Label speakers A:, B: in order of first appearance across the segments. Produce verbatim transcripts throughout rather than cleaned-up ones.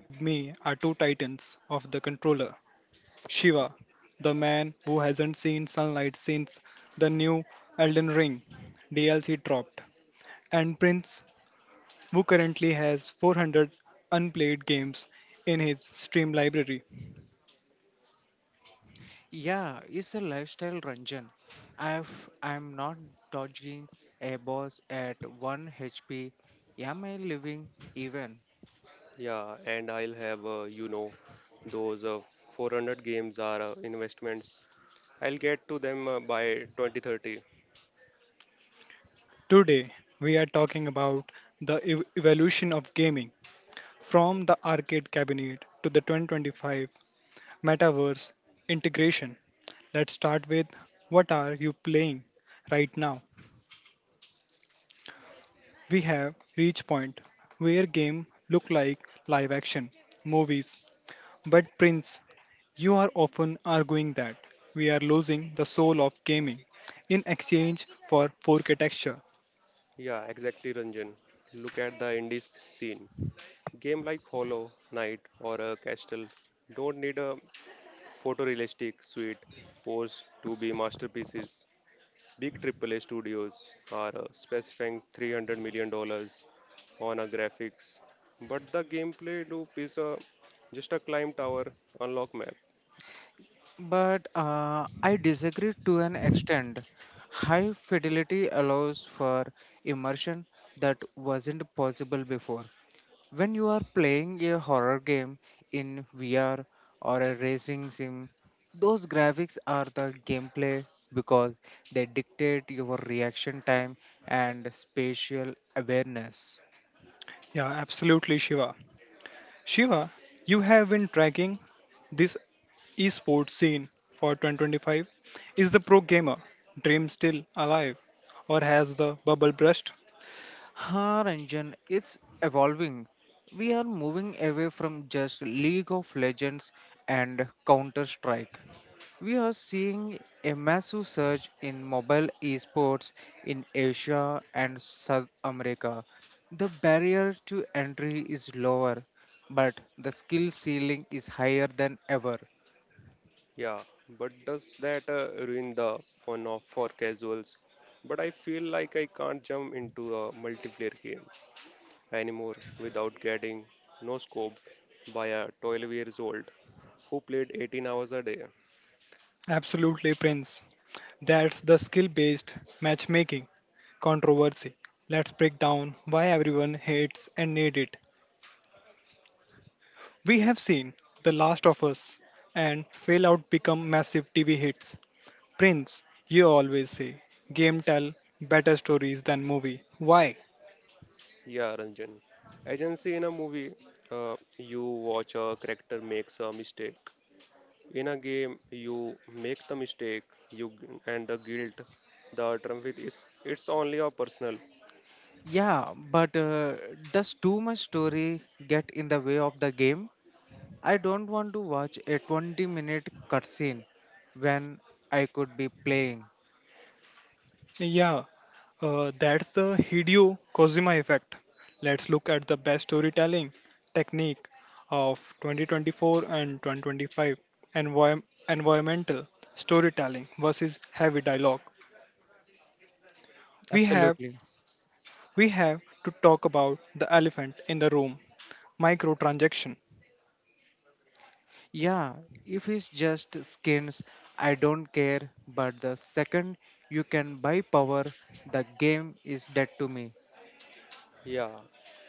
A: With me are two titans of the controller. Shiva, the man who hasn't seen sunlight since the new Elden Ring D L C dropped, and Prince, who currently has four hundred unplayed games in his Steam library.
B: Yeah, it's a lifestyle, Ranjan. If I'm not dodging a boss at one H P, am I living even?
C: Yeah, and I'll have, uh, you know, those uh, four hundred games are uh, investments. I'll get to them uh, by twenty thirty.
A: Today we are talking about the ev- evolution of gaming from the arcade cabinet to the twenty twenty-five metaverse integration. Let's start with what are you playing right now? We have reached point where game look like live action movies. But Prince, you are often arguing that we are losing the soul of gaming in exchange for four K texture.
C: Yeah, exactly, Ranjan. Look at the indie sc- scene. Game like Hollow Knight or uh, Castle don't need a photorealistic suite pose to be masterpieces. Big triple A studios are uh, specifying three hundred million dollars on a graphics, but the gameplay loop is uh, just a climb tower unlock map.
B: But uh, I disagree to an extent. High fidelity allows for immersion that wasn't possible before. When you are playing a horror game in V R or a racing sim, those graphics are the gameplay because they dictate your reaction time and spatial awareness.
A: Yeah, absolutely Shiva. Shiva, you have been tracking this esports scene for twenty twenty-five? Is the pro gamer dream still alive or has the bubble burst?
B: Our engine is evolving. We are moving away from just League of Legends and Counter Strike. We are seeing a massive surge in mobile esports in Asia and South America. The barrier to entry is lower, but the skill ceiling is higher than ever.
C: Yeah, but does that uh, ruin the fun of for casuals? But I feel like I can't jump into a multiplayer game anymore without getting no scoped by a twelve years old who played eighteen hours a day.
A: Absolutely, Prince. That's the skill based matchmaking controversy. Let's break down why everyone hates and needs it. We have seen The Last of Us and Fallout become massive T V hits. Prince, you always say game tell better stories than movie. Why?
C: Yeah, Ranjan. I can see in a movie, uh, you watch a character makes a mistake. In a game, you make the mistake, you and the guilt. The truth is, it's only a personal.
B: Yeah, but uh, does too much story get in the way of the game? I don't want to watch a twenty minute cutscene when I could be playing.
A: Yeah, Uh, that's the Hideo Kojima effect. Let's look at the best storytelling technique of twenty twenty-four and twenty twenty-five. Envi- environmental storytelling versus heavy dialogue. We have
B: Absolutely.
A: we have to talk about the elephant in the room. Microtransaction,
B: Yeah, if it's just skins, I don't care, but the second you can buy power, the game is dead to me.
C: Yeah,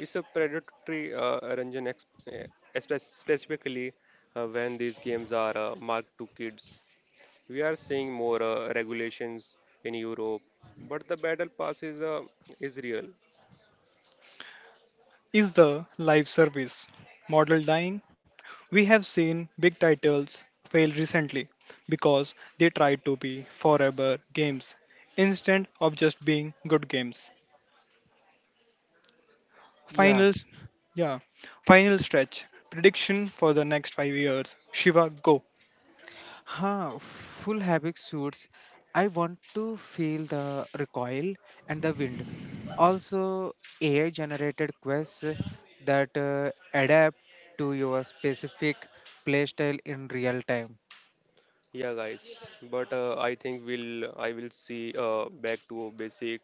C: it's a predatory uh, Ranjan, ex- eh, espe- specifically uh, when these games are uh, marked to kids. We are seeing more uh, regulations in Europe, but the battle pass is uh, is real.
A: is the live service model dying? We have seen big titles fail recently because they tried to be forever games instead of just being good games.
B: Yeah.
A: Finals, yeah, final stretch. Prediction for the next five years. Shiva, go.
B: Huh, full havoc suits. I want to feel the recoil and the wind. Also, A I generated quests that uh, adapt to your specific playstyle in real time.
C: Yeah, guys, but uh, I think we'll I will see uh, back to a basic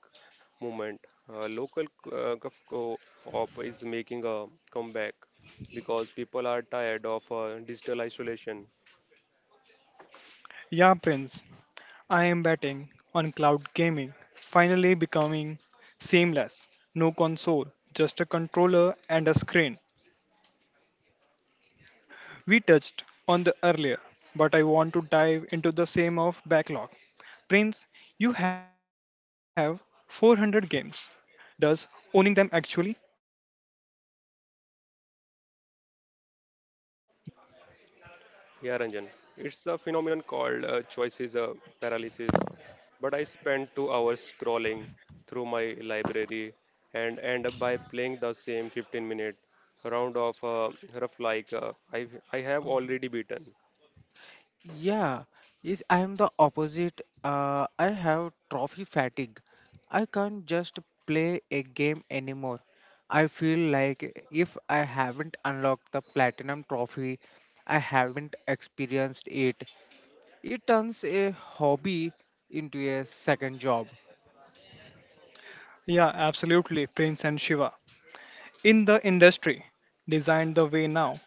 C: movement. Uh, local uh, co-op is making a comeback because people are tired of uh, digital isolation.
A: Yeah, Prince. I am betting on cloud gaming finally becoming seamless. No console, just a controller and a screen. We touched on the earlier, but I want to dive into the same of backlog. Prince, you have four hundred games. Does owning them actually bring you more stress than joy at the point?
C: Yeah, Ranjan. It's a phenomenon called uh, choices uh, paralysis. But I spend two hours scrolling through my library and end up by playing the same fifteen minute round of uh, rough like uh, I, I have already beaten.
B: Yeah, yes, I am the opposite. Uh, I have trophy fatigue. I can't just play a game anymore. I feel like if I haven't unlocked the platinum trophy, I haven't experienced it. It turns a hobby into a second job.
A: Yeah, absolutely, Prince and Shiva. In the industry designed the way now.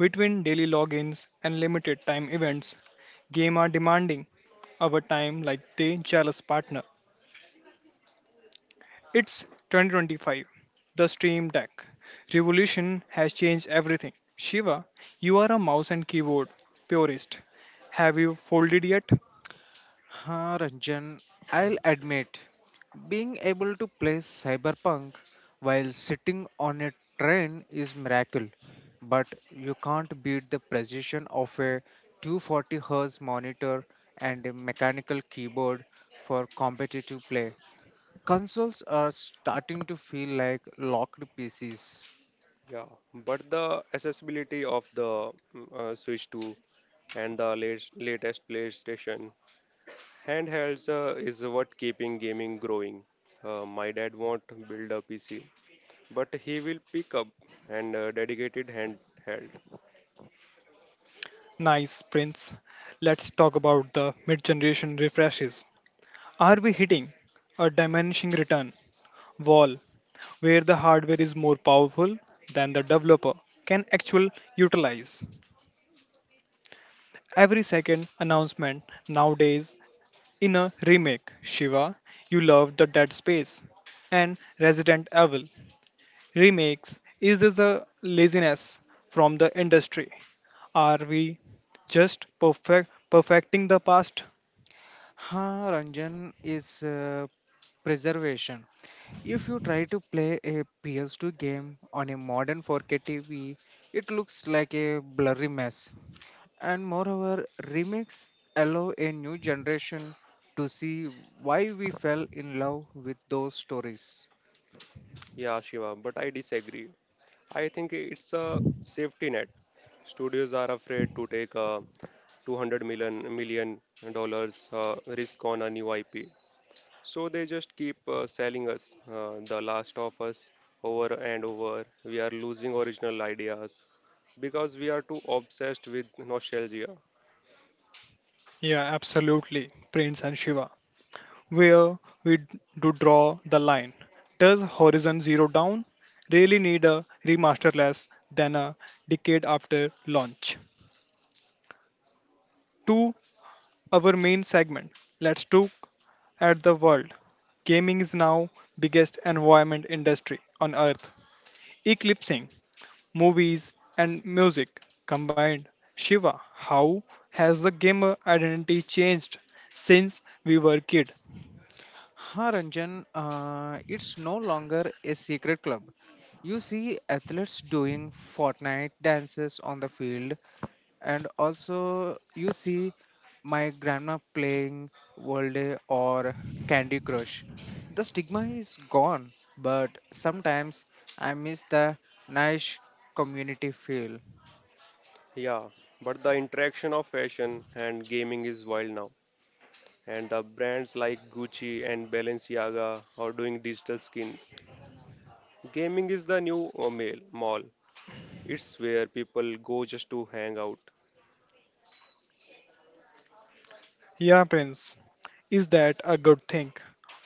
A: Between daily logins and limited time events, game are demanding our time like they jealous partner. It's twenty twenty-five. The Stream Deck revolution has changed everything. Shiva, you are a mouse and keyboard purist. Have you folded yet?
B: Huh, Ranjan, I'll admit, being able to play cyberpunk while sitting on a train is miracle, but you can't beat the precision of a two forty Hz monitor and a mechanical keyboard for competitive play. Consoles are starting to feel like locked P Cs.
C: Yeah, but the accessibility of the mm, uh, Switch two and the latest, latest PlayStation handhelds uh, is what keeping gaming growing. Uh, my dad won't build a P C but he will pick up and uh, dedicated hand held.
A: Nice, Prince. Let's talk about the mid generation refreshes. Are we hitting a diminishing return wall where the hardware is more powerful than the developer can actually utilize? Every second announcement nowadays in a remake. Shiva, you love the Dead Space and Resident Evil. Remakes, is this the laziness from the industry? Are we just perfect perfecting the past?
B: Ha, Ranjan is uh, preservation. If you try to play a P S two game on a modern four K T V, it looks like a blurry mess. And moreover, remakes allow a new generation to see why we fell in love with those stories.
C: Yeah, Shiva, but I disagree. I think it's a safety net. Studios are afraid to take a two hundred million million dollars uh, risk on a new I P, so they just keep uh, selling us uh, The Last of Us over and over. We are losing original ideas because we are too obsessed with nostalgia.
A: Yeah, absolutely, Prince and Shiva. Where we d- do draw the line. Does Horizon Zero Dawn really need a remaster less than a decade after launch? To our main segment, let's look at the world. Gaming is now biggest environment industry on earth, eclipsing movies and music combined. Shiva, how has the gamer identity changed since we were kid?
B: Ha, Ranjan, uh, it's no longer a secret club. You see athletes doing Fortnite dances on the field, and also you see my grandma playing world day or candy crush. The stigma is gone, but sometimes I miss the nice community feel.
C: Yeah, but the interaction of fashion and gaming is wild now, and the brands like Gucci and Balenciaga are doing digital skins. Gaming is the new uh, mail mall. It's where people go just to hang out.
A: Yeah, Prince. Is that a good thing?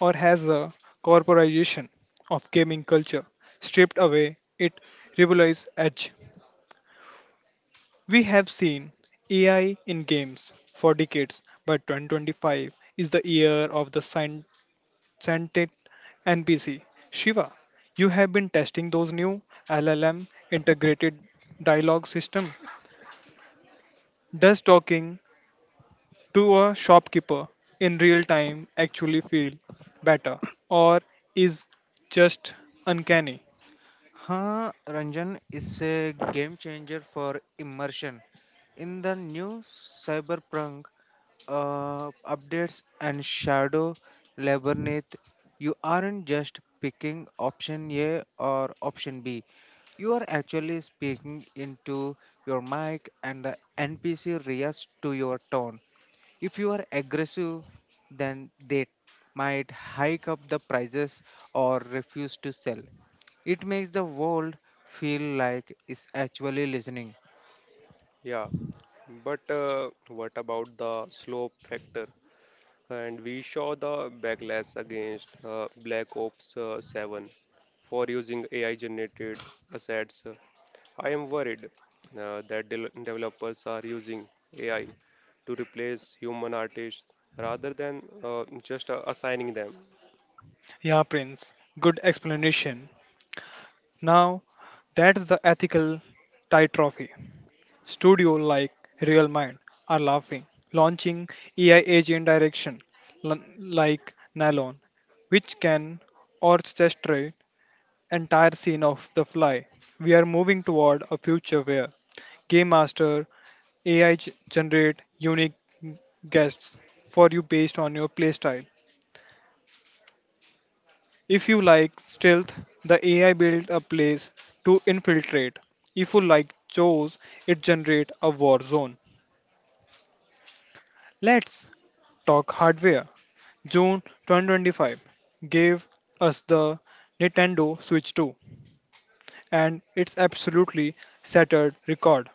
A: Or has the corporatization of gaming culture stripped away its rebellious edge? We have seen A I in games for decades, but twenty twenty-five is the year of the scien- scented N P C. Shiva, you have been testing those new L L M integrated dialogue system. Does talking to a shopkeeper in real time actually feel better or is just uncanny?
B: Huh, Ranjan is a game changer for immersion in the new cyberpunk uh, updates and shadow labyrinth. You aren't just picking option A or option B. You are actually speaking into your mic and the N P C reacts to your tone. If you are aggressive, then they might hike up the prices or refuse to sell. It makes the world feel like it's actually listening.
C: Yeah, but uh, what about the slope factor? And we saw the backlash against uh, Black Ops uh, seven for using A I generated assets. I am worried uh, that del- developers are using A I to replace human artists rather than uh, just uh, assigning them.
A: Yeah, Prince, good explanation. Now that's the ethical trophy. Studio like Real Mind are laughing, launching A I agent direction l- like Nylon, which can orchestrate entire scene of the fly. We are moving toward a future where game master A I generate unique guests for you based on your playstyle. If you like stealth, the A I build a place to infiltrate. If you like chores, it generate a war zone. Let's talk hardware. June twenty twenty-five gave us the Nintendo Switch two and it's absolutely shattered record.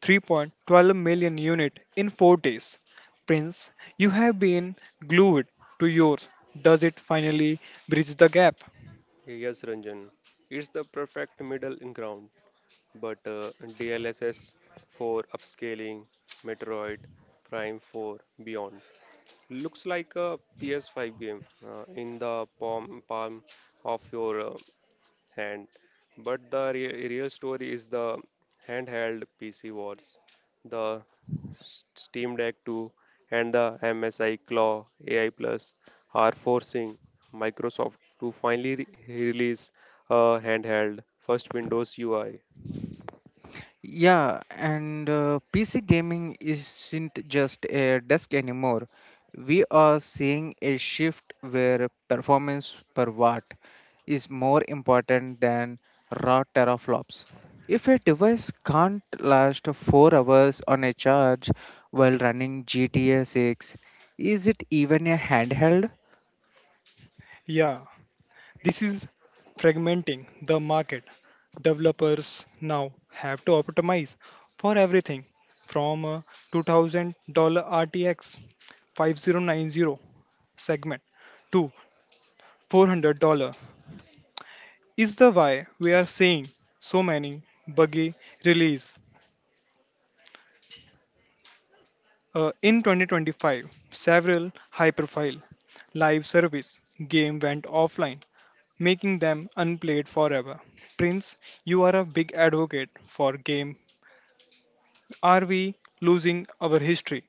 A: three point one two million unit in four days. Prince, you have been glued to yours. Does it finally bridge the gap?
C: Yes, Ranjan, it's the perfect middle ground, but uh, D L S S for upscaling, Metroid Prime four Beyond looks like a P S five game uh, in the palm, palm of your uh, hand. But the re- real story is the handheld P C wars, the S- Steam Deck two and the M S I Claw A I Plus are forcing Microsoft to finally re- release a handheld first Windows U I.
B: Yeah, and uh, P C gaming isn't just a desk anymore. We are seeing a shift where performance per watt is more important than raw teraflops. If a device can't last four hours on a charge while running G T A six, is it even a handheld?
A: Yeah, this is fragmenting the market. Developers now have to optimize for everything from a two thousand dollars R T X five oh nine oh segment to four hundred dollars. Is the why we are seeing so many buggy release. Uh, in twenty twenty-five, several high profile live service games went offline, making them unplayed forever. Prince, you are a big advocate for game. Are we losing our history?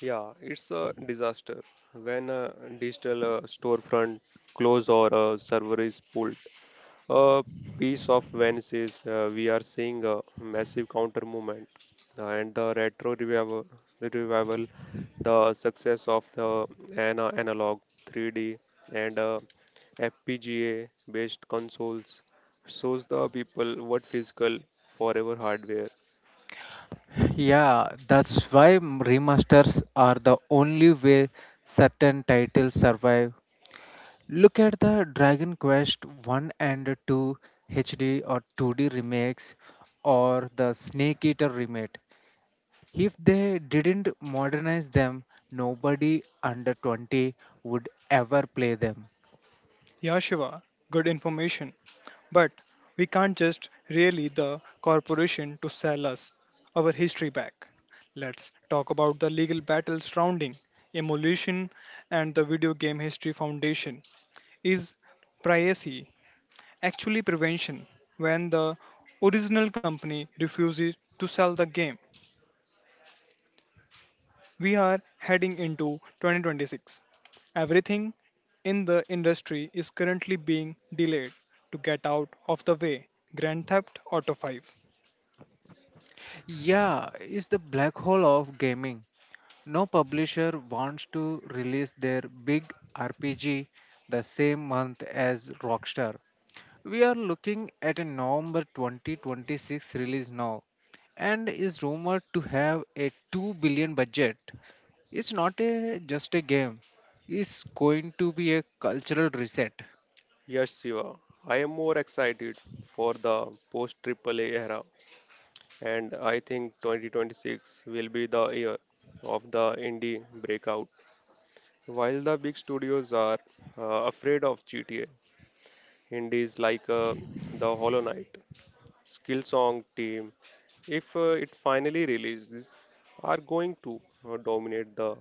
C: Yeah, it's a disaster when a digital uh, storefront close or a server is pulled. A piece of Venice is uh, we are seeing a massive counter movement uh, and the retro revival, revival, the success of the ana- analog three D and uh, F P G A based consoles shows the people what physical forever hardware.
B: Yeah, that's why m- remasters are the only way certain titles survive. Look at the Dragon Quest one and two H D or two D remakes or the Snake Eater remake. If they didn't modernize them, nobody under twenty would ever play them.
A: Yashiva, good information. But we can't just really the corporation to sell us our history back. Let's talk about the legal battle surrounding emulation and the Video Game History Foundation. Is privacy actually prevention when the original company refuses to sell the game? We are heading into twenty twenty-six. Everything in the industry is currently being delayed to get out of the way. Grand Theft Auto five.
B: Yeah, it's the black hole of gaming. No publisher wants to release their big R P G the same month as Rockstar. We are looking at a November twenty twenty-six release now and is rumored to have a two billion budget. It's not a, just a game. It's going to be a cultural reset.
C: Yes, Siva, I am more excited for the post triple A era, and I think twenty twenty-six will be the year of the indie breakout. While the big studios are uh, afraid of G T A, indies like uh, the Hollow Knight, Skillsong team, if uh, it finally releases, are going to uh, dominate the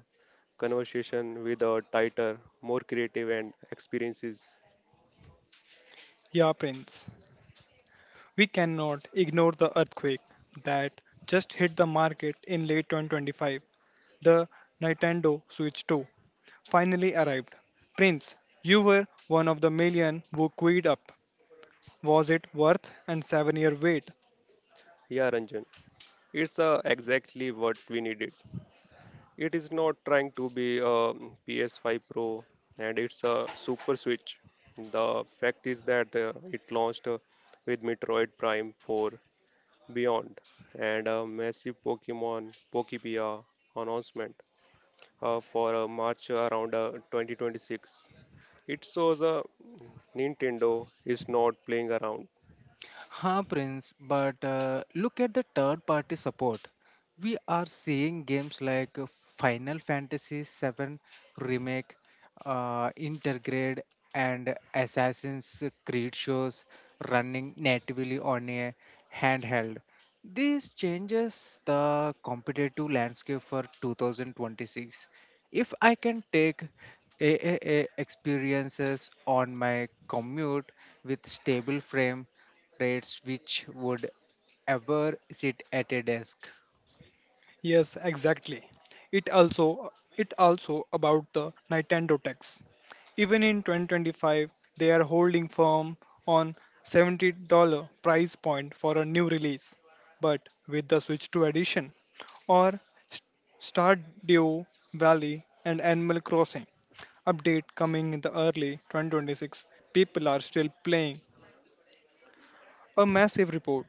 C: conversation with a tighter, more creative and experiences.
A: Yeah, Prince. We cannot ignore the earthquake that just hit the market in late twenty twenty-five. The Nintendo Switch two finally arrived. Prince, you were one of the million who queued up. Was it worth and seven year wait?
C: Yeah, Ranjan, it's uh, exactly what we needed. It is not trying to be a P S five Pro and it's a Super Switch. The fact is that uh, it launched uh, with Metroid Prime four Beyond and a massive Pokemon Pokebia announcement uh, for uh, March around uh, twenty twenty-six. It shows uh, Nintendo is not playing around.
B: Ha, Prince, but uh, look at the third party support. We are seeing games like uh, Final Fantasy seven Remake, uh, Intergrade, and Assassin's Creed shows running natively on a handheld. This changes the competitive landscape for two thousand twenty-six. If I can take triple A experiences on my commute with stable frame rates which would ever sit at a desk.
A: Yes, exactly. It also it also about the Nintendo tax. Even in twenty twenty-five, they are holding firm on seventy dollars price point for a new release. But with the Switch two edition or S- Stardew Valley and Animal Crossing update coming in the early two thousand twenty-six, people are still playing. A massive report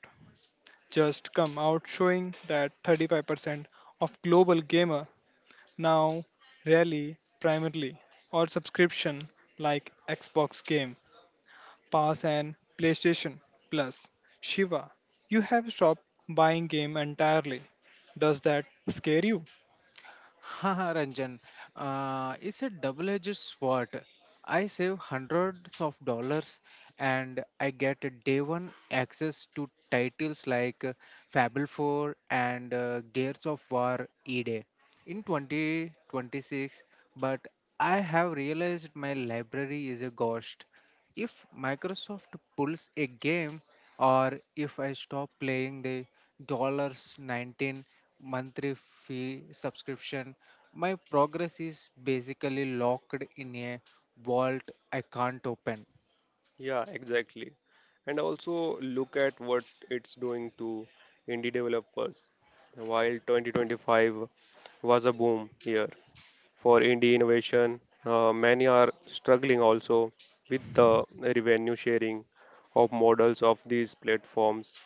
A: just come out showing that thirty-five percent of global gamer now rely primarily or subscription like Xbox Game Pass and PlayStation Plus. Shiva, you have stopped buying game entirely. Does that scare you?
B: Haha, Ranjan, uh, it's a double-edged sword. I save hundreds of dollars and I get a day one access to titles like uh, Fable four and uh, Gears of War E-Day. In twenty twenty-six, but I have realized my library is a ghost. If Microsoft pulls a game, or if I stop playing the dollars nineteen monthly fee subscription, my progress is basically locked in a vault I can't open.
C: Yeah, exactly. And also look at what it's doing to indie developers. While twenty twenty-five was a boom year for indie innovation, uh, many are struggling also with the revenue sharing of models of these platforms.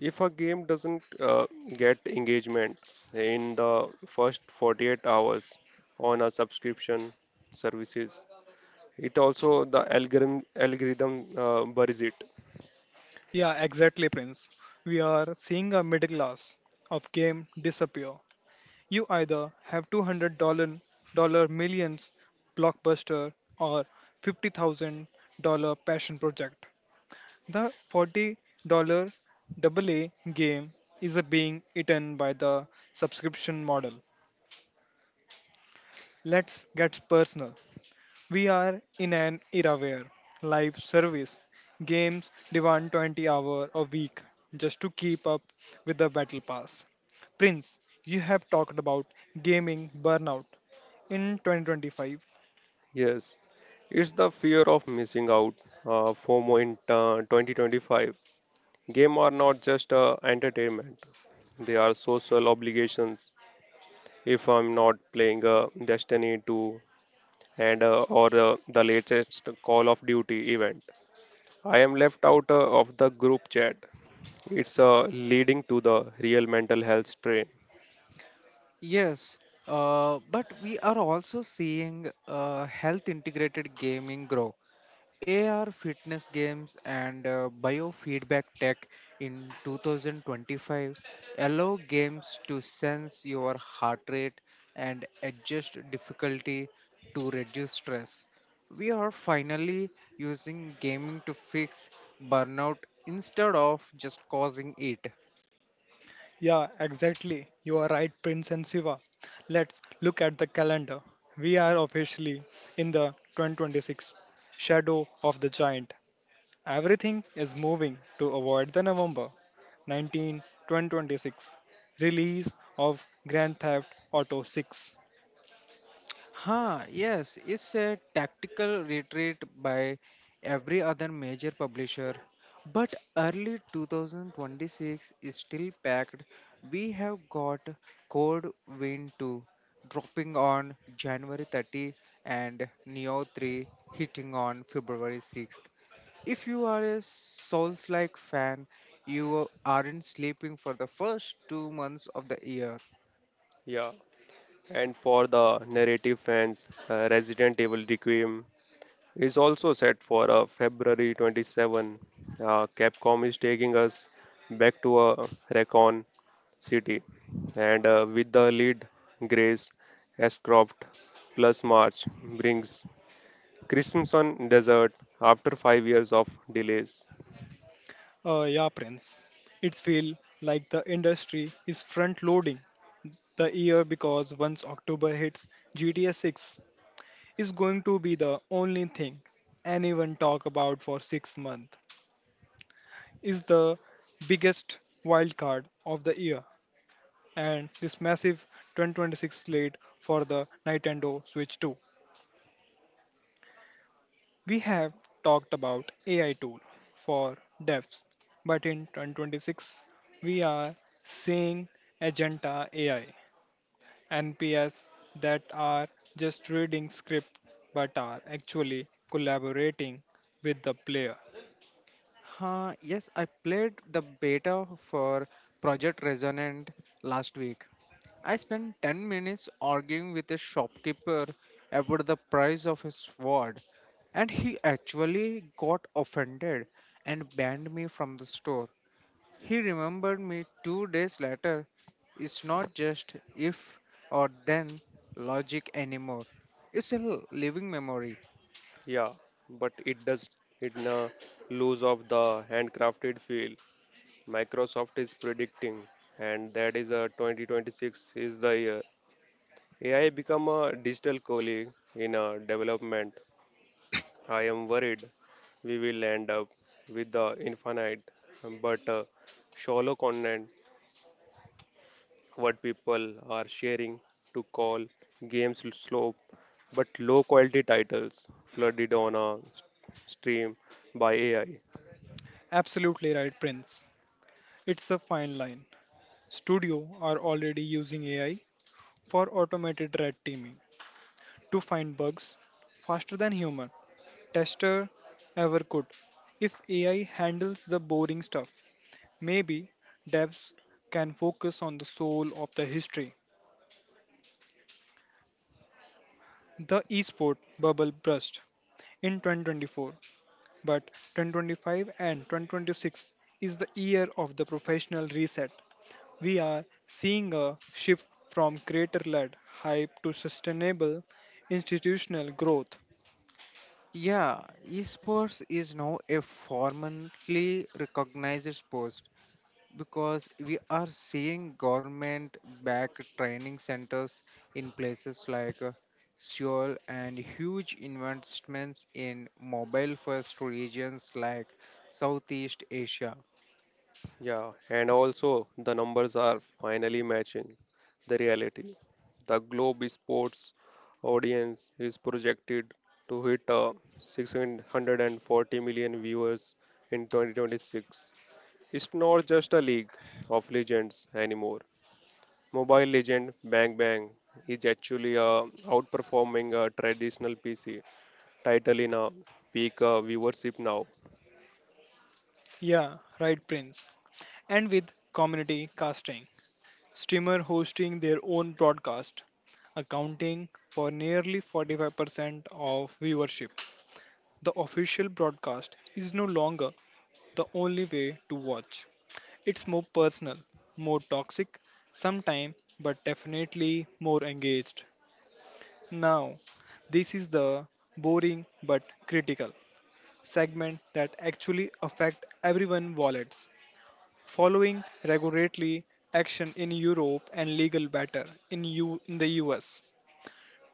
C: If a game doesn't uh, get engagement in the first forty-eight hours on a subscription services, it also the algorithm algorithm uh, buries it.
A: Yeah, exactly, Prince. We are seeing a middle class of game disappear. You either have two hundred dollars dollar millions blockbuster or fifty thousand dollars passion project. The forty dollars a game is a being eaten by the subscription model. Let's get personal. We are in an era where live service games demand twenty hours a week just to keep up with the battle pass. Prince, you have talked about gaming burnout in twenty twenty-five.
C: Yes, it's the fear of missing out. Uh, FOMO in uh, twenty twenty-five. Game are not just uh, entertainment; they are social obligations. If I'm not playing uh, Destiny two and uh, or uh, the latest Call of Duty event, I am left out uh, of the group chat. It's uh, leading to the real mental health strain.
B: Yes, uh, but we are also seeing uh, health integrated gaming grow. A R fitness games and uh, biofeedback tech in twenty twenty-five allow games to sense your heart rate and adjust difficulty to reduce stress. We are finally using gaming to fix burnout instead of just causing it.
A: Yeah, exactly. You are right, Prince and Siva. Let's look at the calendar. We are officially in the twenty twenty-six shadow of the giant. Everything is moving to avoid the November nineteenth, twenty twenty-six release of Grand Theft Auto six.
B: Huh, yes, it's a tactical retreat by every other major publisher. But early two thousand twenty-six is still packed. We have got Code Vein two dropping on January thirtieth and Neo three hitting on February sixth. If you are a Souls-like fan, you aren't sleeping for the first two months of the year.
C: Yeah. And for the narrative fans, uh, Resident Evil Requiem is also set for uh, February twenty-seventh. Uh, Capcom is taking us back to a Recon City, and uh, with the lead Grace Ashcroft plus March brings Crimson Desert after five years of delays.
A: Uh, yeah, Prince. It feels like the industry is front loading the year because once October hits, G T A six is going to be the only thing anyone talk about for six months. Is the biggest wild card of the year and this massive twenty twenty-six slate for the Nintendo Switch two. We have talked about A I tool for devs but in two thousand twenty-six we are seeing agenta A I N P S that are just reading script but are actually collaborating with the player.
B: Huh, yes, I played the beta for Project Resonant last week. I spent ten minutes arguing with a shopkeeper about the price of his sword, and he actually got offended and banned me from the store. He remembered me two days later. It's not just if or then logic anymore, it's a living memory.
C: Yeah, but it does it uh, lose of the handcrafted feel Microsoft is predicting, and that is uh, twenty twenty-six is the year. A I become a digital colleague in uh, development. I am worried we will end up with the infinite but uh, shallow content what people are sharing to call games slow but low quality titles flooded on a stream by A I.
A: Absolutely right, Prince. It's a fine line. Studio are already using A I for automated red teaming to find bugs faster than human tester ever could. If A I handles the boring stuff, maybe devs can focus on the soul of the history. The esport bubble burst in twenty twenty-four, but twenty twenty-five and two thousand twenty-six is the year of the professional reset. We are seeing a shift from creator led hype to sustainable institutional growth.
B: Yeah, esports is now a formally recognized sport because we are seeing government backed training centers in places like uh, Seoul and huge investments in mobile first regions like Southeast Asia.
C: Yeah, and also the numbers are finally matching the reality. The Globe Sports audience is projected to hit uh, six hundred forty million viewers in twenty twenty-six. It's not just a league of legends anymore. Mobile legend Bang Bang is actually uh, outperforming a traditional P C title in a peak uh, viewership now.
A: Yeah, right, Prince. And with community casting, streamer hosting their own broadcast, accounting for nearly forty-five percent of viewership. The official broadcast is no longer the only way to watch. It's more personal, more toxic, sometimes, but definitely more engaged. Now, this is the boring but critical segment that actually affect everyone wallets. Following regulatory action in Europe and legal battle in U in the U S.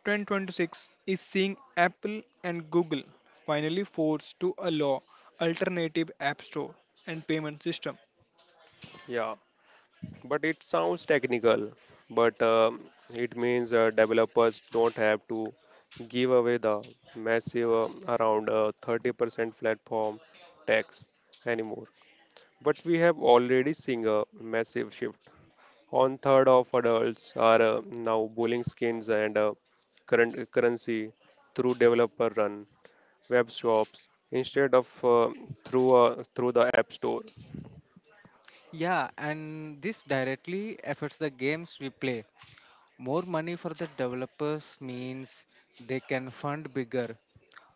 A: twenty twenty-six is seeing Apple and Google finally forced to allow alternative app store and payment system.
C: Yeah. But it sounds technical, but um, it means uh, developers don't have to give away the massive uh, around uh, thirty percent platform tax anymore. But we have already seen a massive shift. One third of adults are uh, now bowling skins and uh, current currency through developer run web shops instead of uh, through uh, through the app store.
B: Yeah, and this directly affects the games we play. More money for the developers means they can fund bigger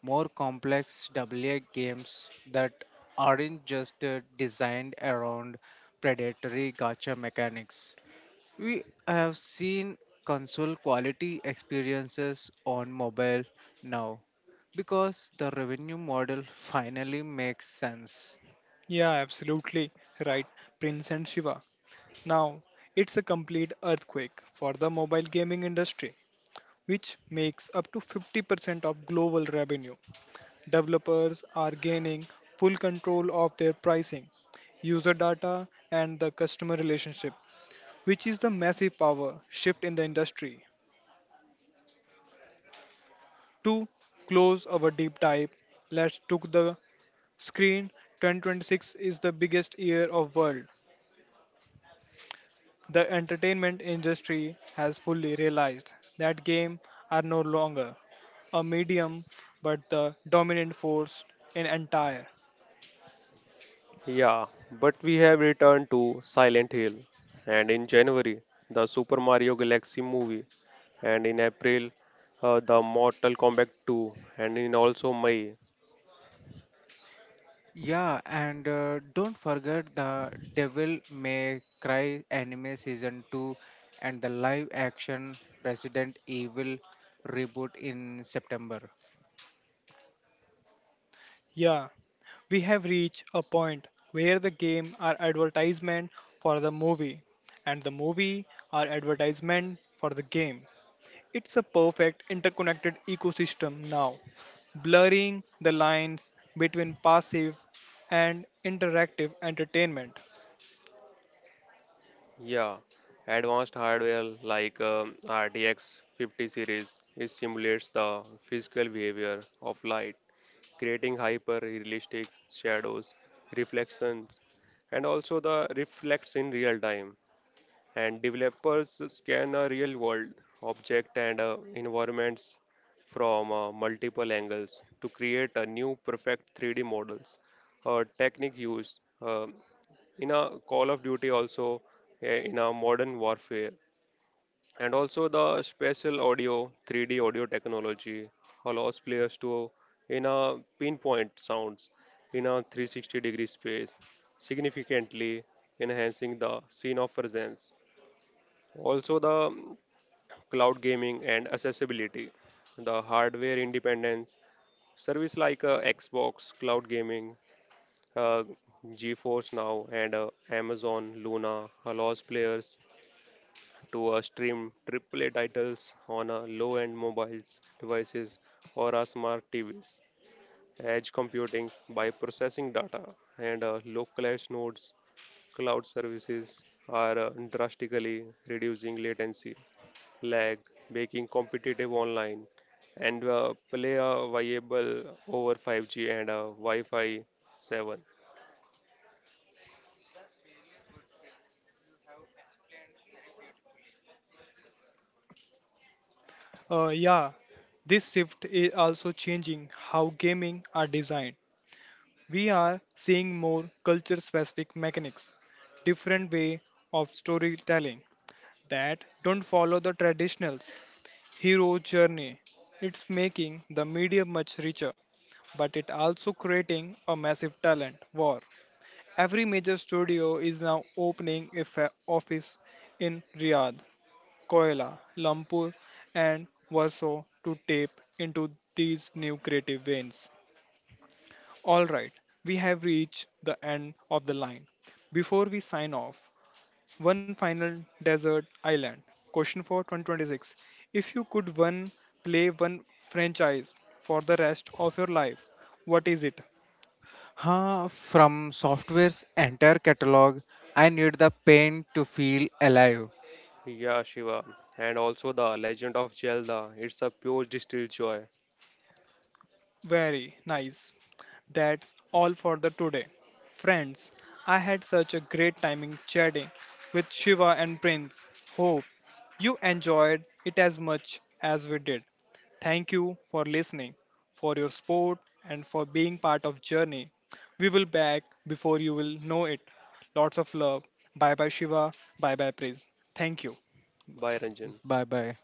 B: more complex W A games that aren't just uh, designed around predatory gacha mechanics. We have seen console quality experiences on mobile now because the revenue model finally makes sense.
A: Yeah, absolutely right, Prince and Shiva. Now, it's a complete earthquake for the mobile gaming industry, which makes up to fifty percent of global revenue. Developers are gaining full control of their pricing, user data, and the customer relationship, which is the massive power shift in the industry. To close our deep dive, let's took the screen. twenty twenty-six is the biggest year of world. The entertainment industry has fully realized that games are no longer a medium but the dominant force in entire.
C: Yeah, but we have returned to Silent Hill, and in January, the Super Mario Galaxy movie, and in April, uh, the Mortal Kombat two, and in also May,
B: Yeah, and uh, don't forget the Devil May Cry anime season two and the live action Resident Evil reboot in September.
A: Yeah, we have reached a point where the game are advertisement for the movie and the movie are advertisement for the game. It's a perfect interconnected ecosystem now, blurring the lines between passive and interactive entertainment.
C: yeah, advanced hardware like um, R T X fifty series it simulates the physical behavior of light, creating hyper realistic shadows, reflections, and also the reflects in real time, and developers scan a real world object and uh, environments from uh, multiple angles to create a new perfect three D models. A technique used uh, in a Call of Duty also uh, in a modern warfare. And also the spatial audio three D audio technology allows players to in a pinpoint sounds in a three hundred sixty degree space significantly enhancing the scene of presence, also, the cloud gaming and accessibility, the hardware independence, service like uh, Xbox cloud gaming, uh, GeForce Now, and uh, Amazon Luna allows players to uh, stream triple A titles on uh, low-end mobiles devices or uh, smart T Vs. Edge computing by processing data and uh, localized nodes, cloud services are uh, drastically reducing latency lag, making competitive online, and uh, play a viable over five G and uh, Wi-Fi seven.
A: Uh, yeah, this shift is also changing how gaming are designed. We are seeing more culture specific mechanics, different way of storytelling that don't follow the traditional hero journey. It's making the media much richer, but it also creating a massive talent war. Every major studio is now opening a fa- office in Riyadh, Koila, Lumpur, and Warsaw to tap into these new creative veins. All right, we have reached the end of the line. Before we sign off, one final desert island. Question for two thousand twenty-six. If you could one play one franchise for the rest of your life, what is it?
B: Huh, From Software's entire catalog, I need the pain to feel alive.
C: Yeah, Shiva, and also the Legend of Zelda. It's a pure distilled joy
A: Very nice. That's all for the today. Friends, I had such a great time chatting with Shiva and Prince. Hope you enjoyed it as much as we did. Thank you for listening, for your support and for being part of journey. We will back before you will know it. Lots of love. Bye bye Shiva. Bye bye Prince. Thank you.
C: by Ranjan.
B: Bye bye.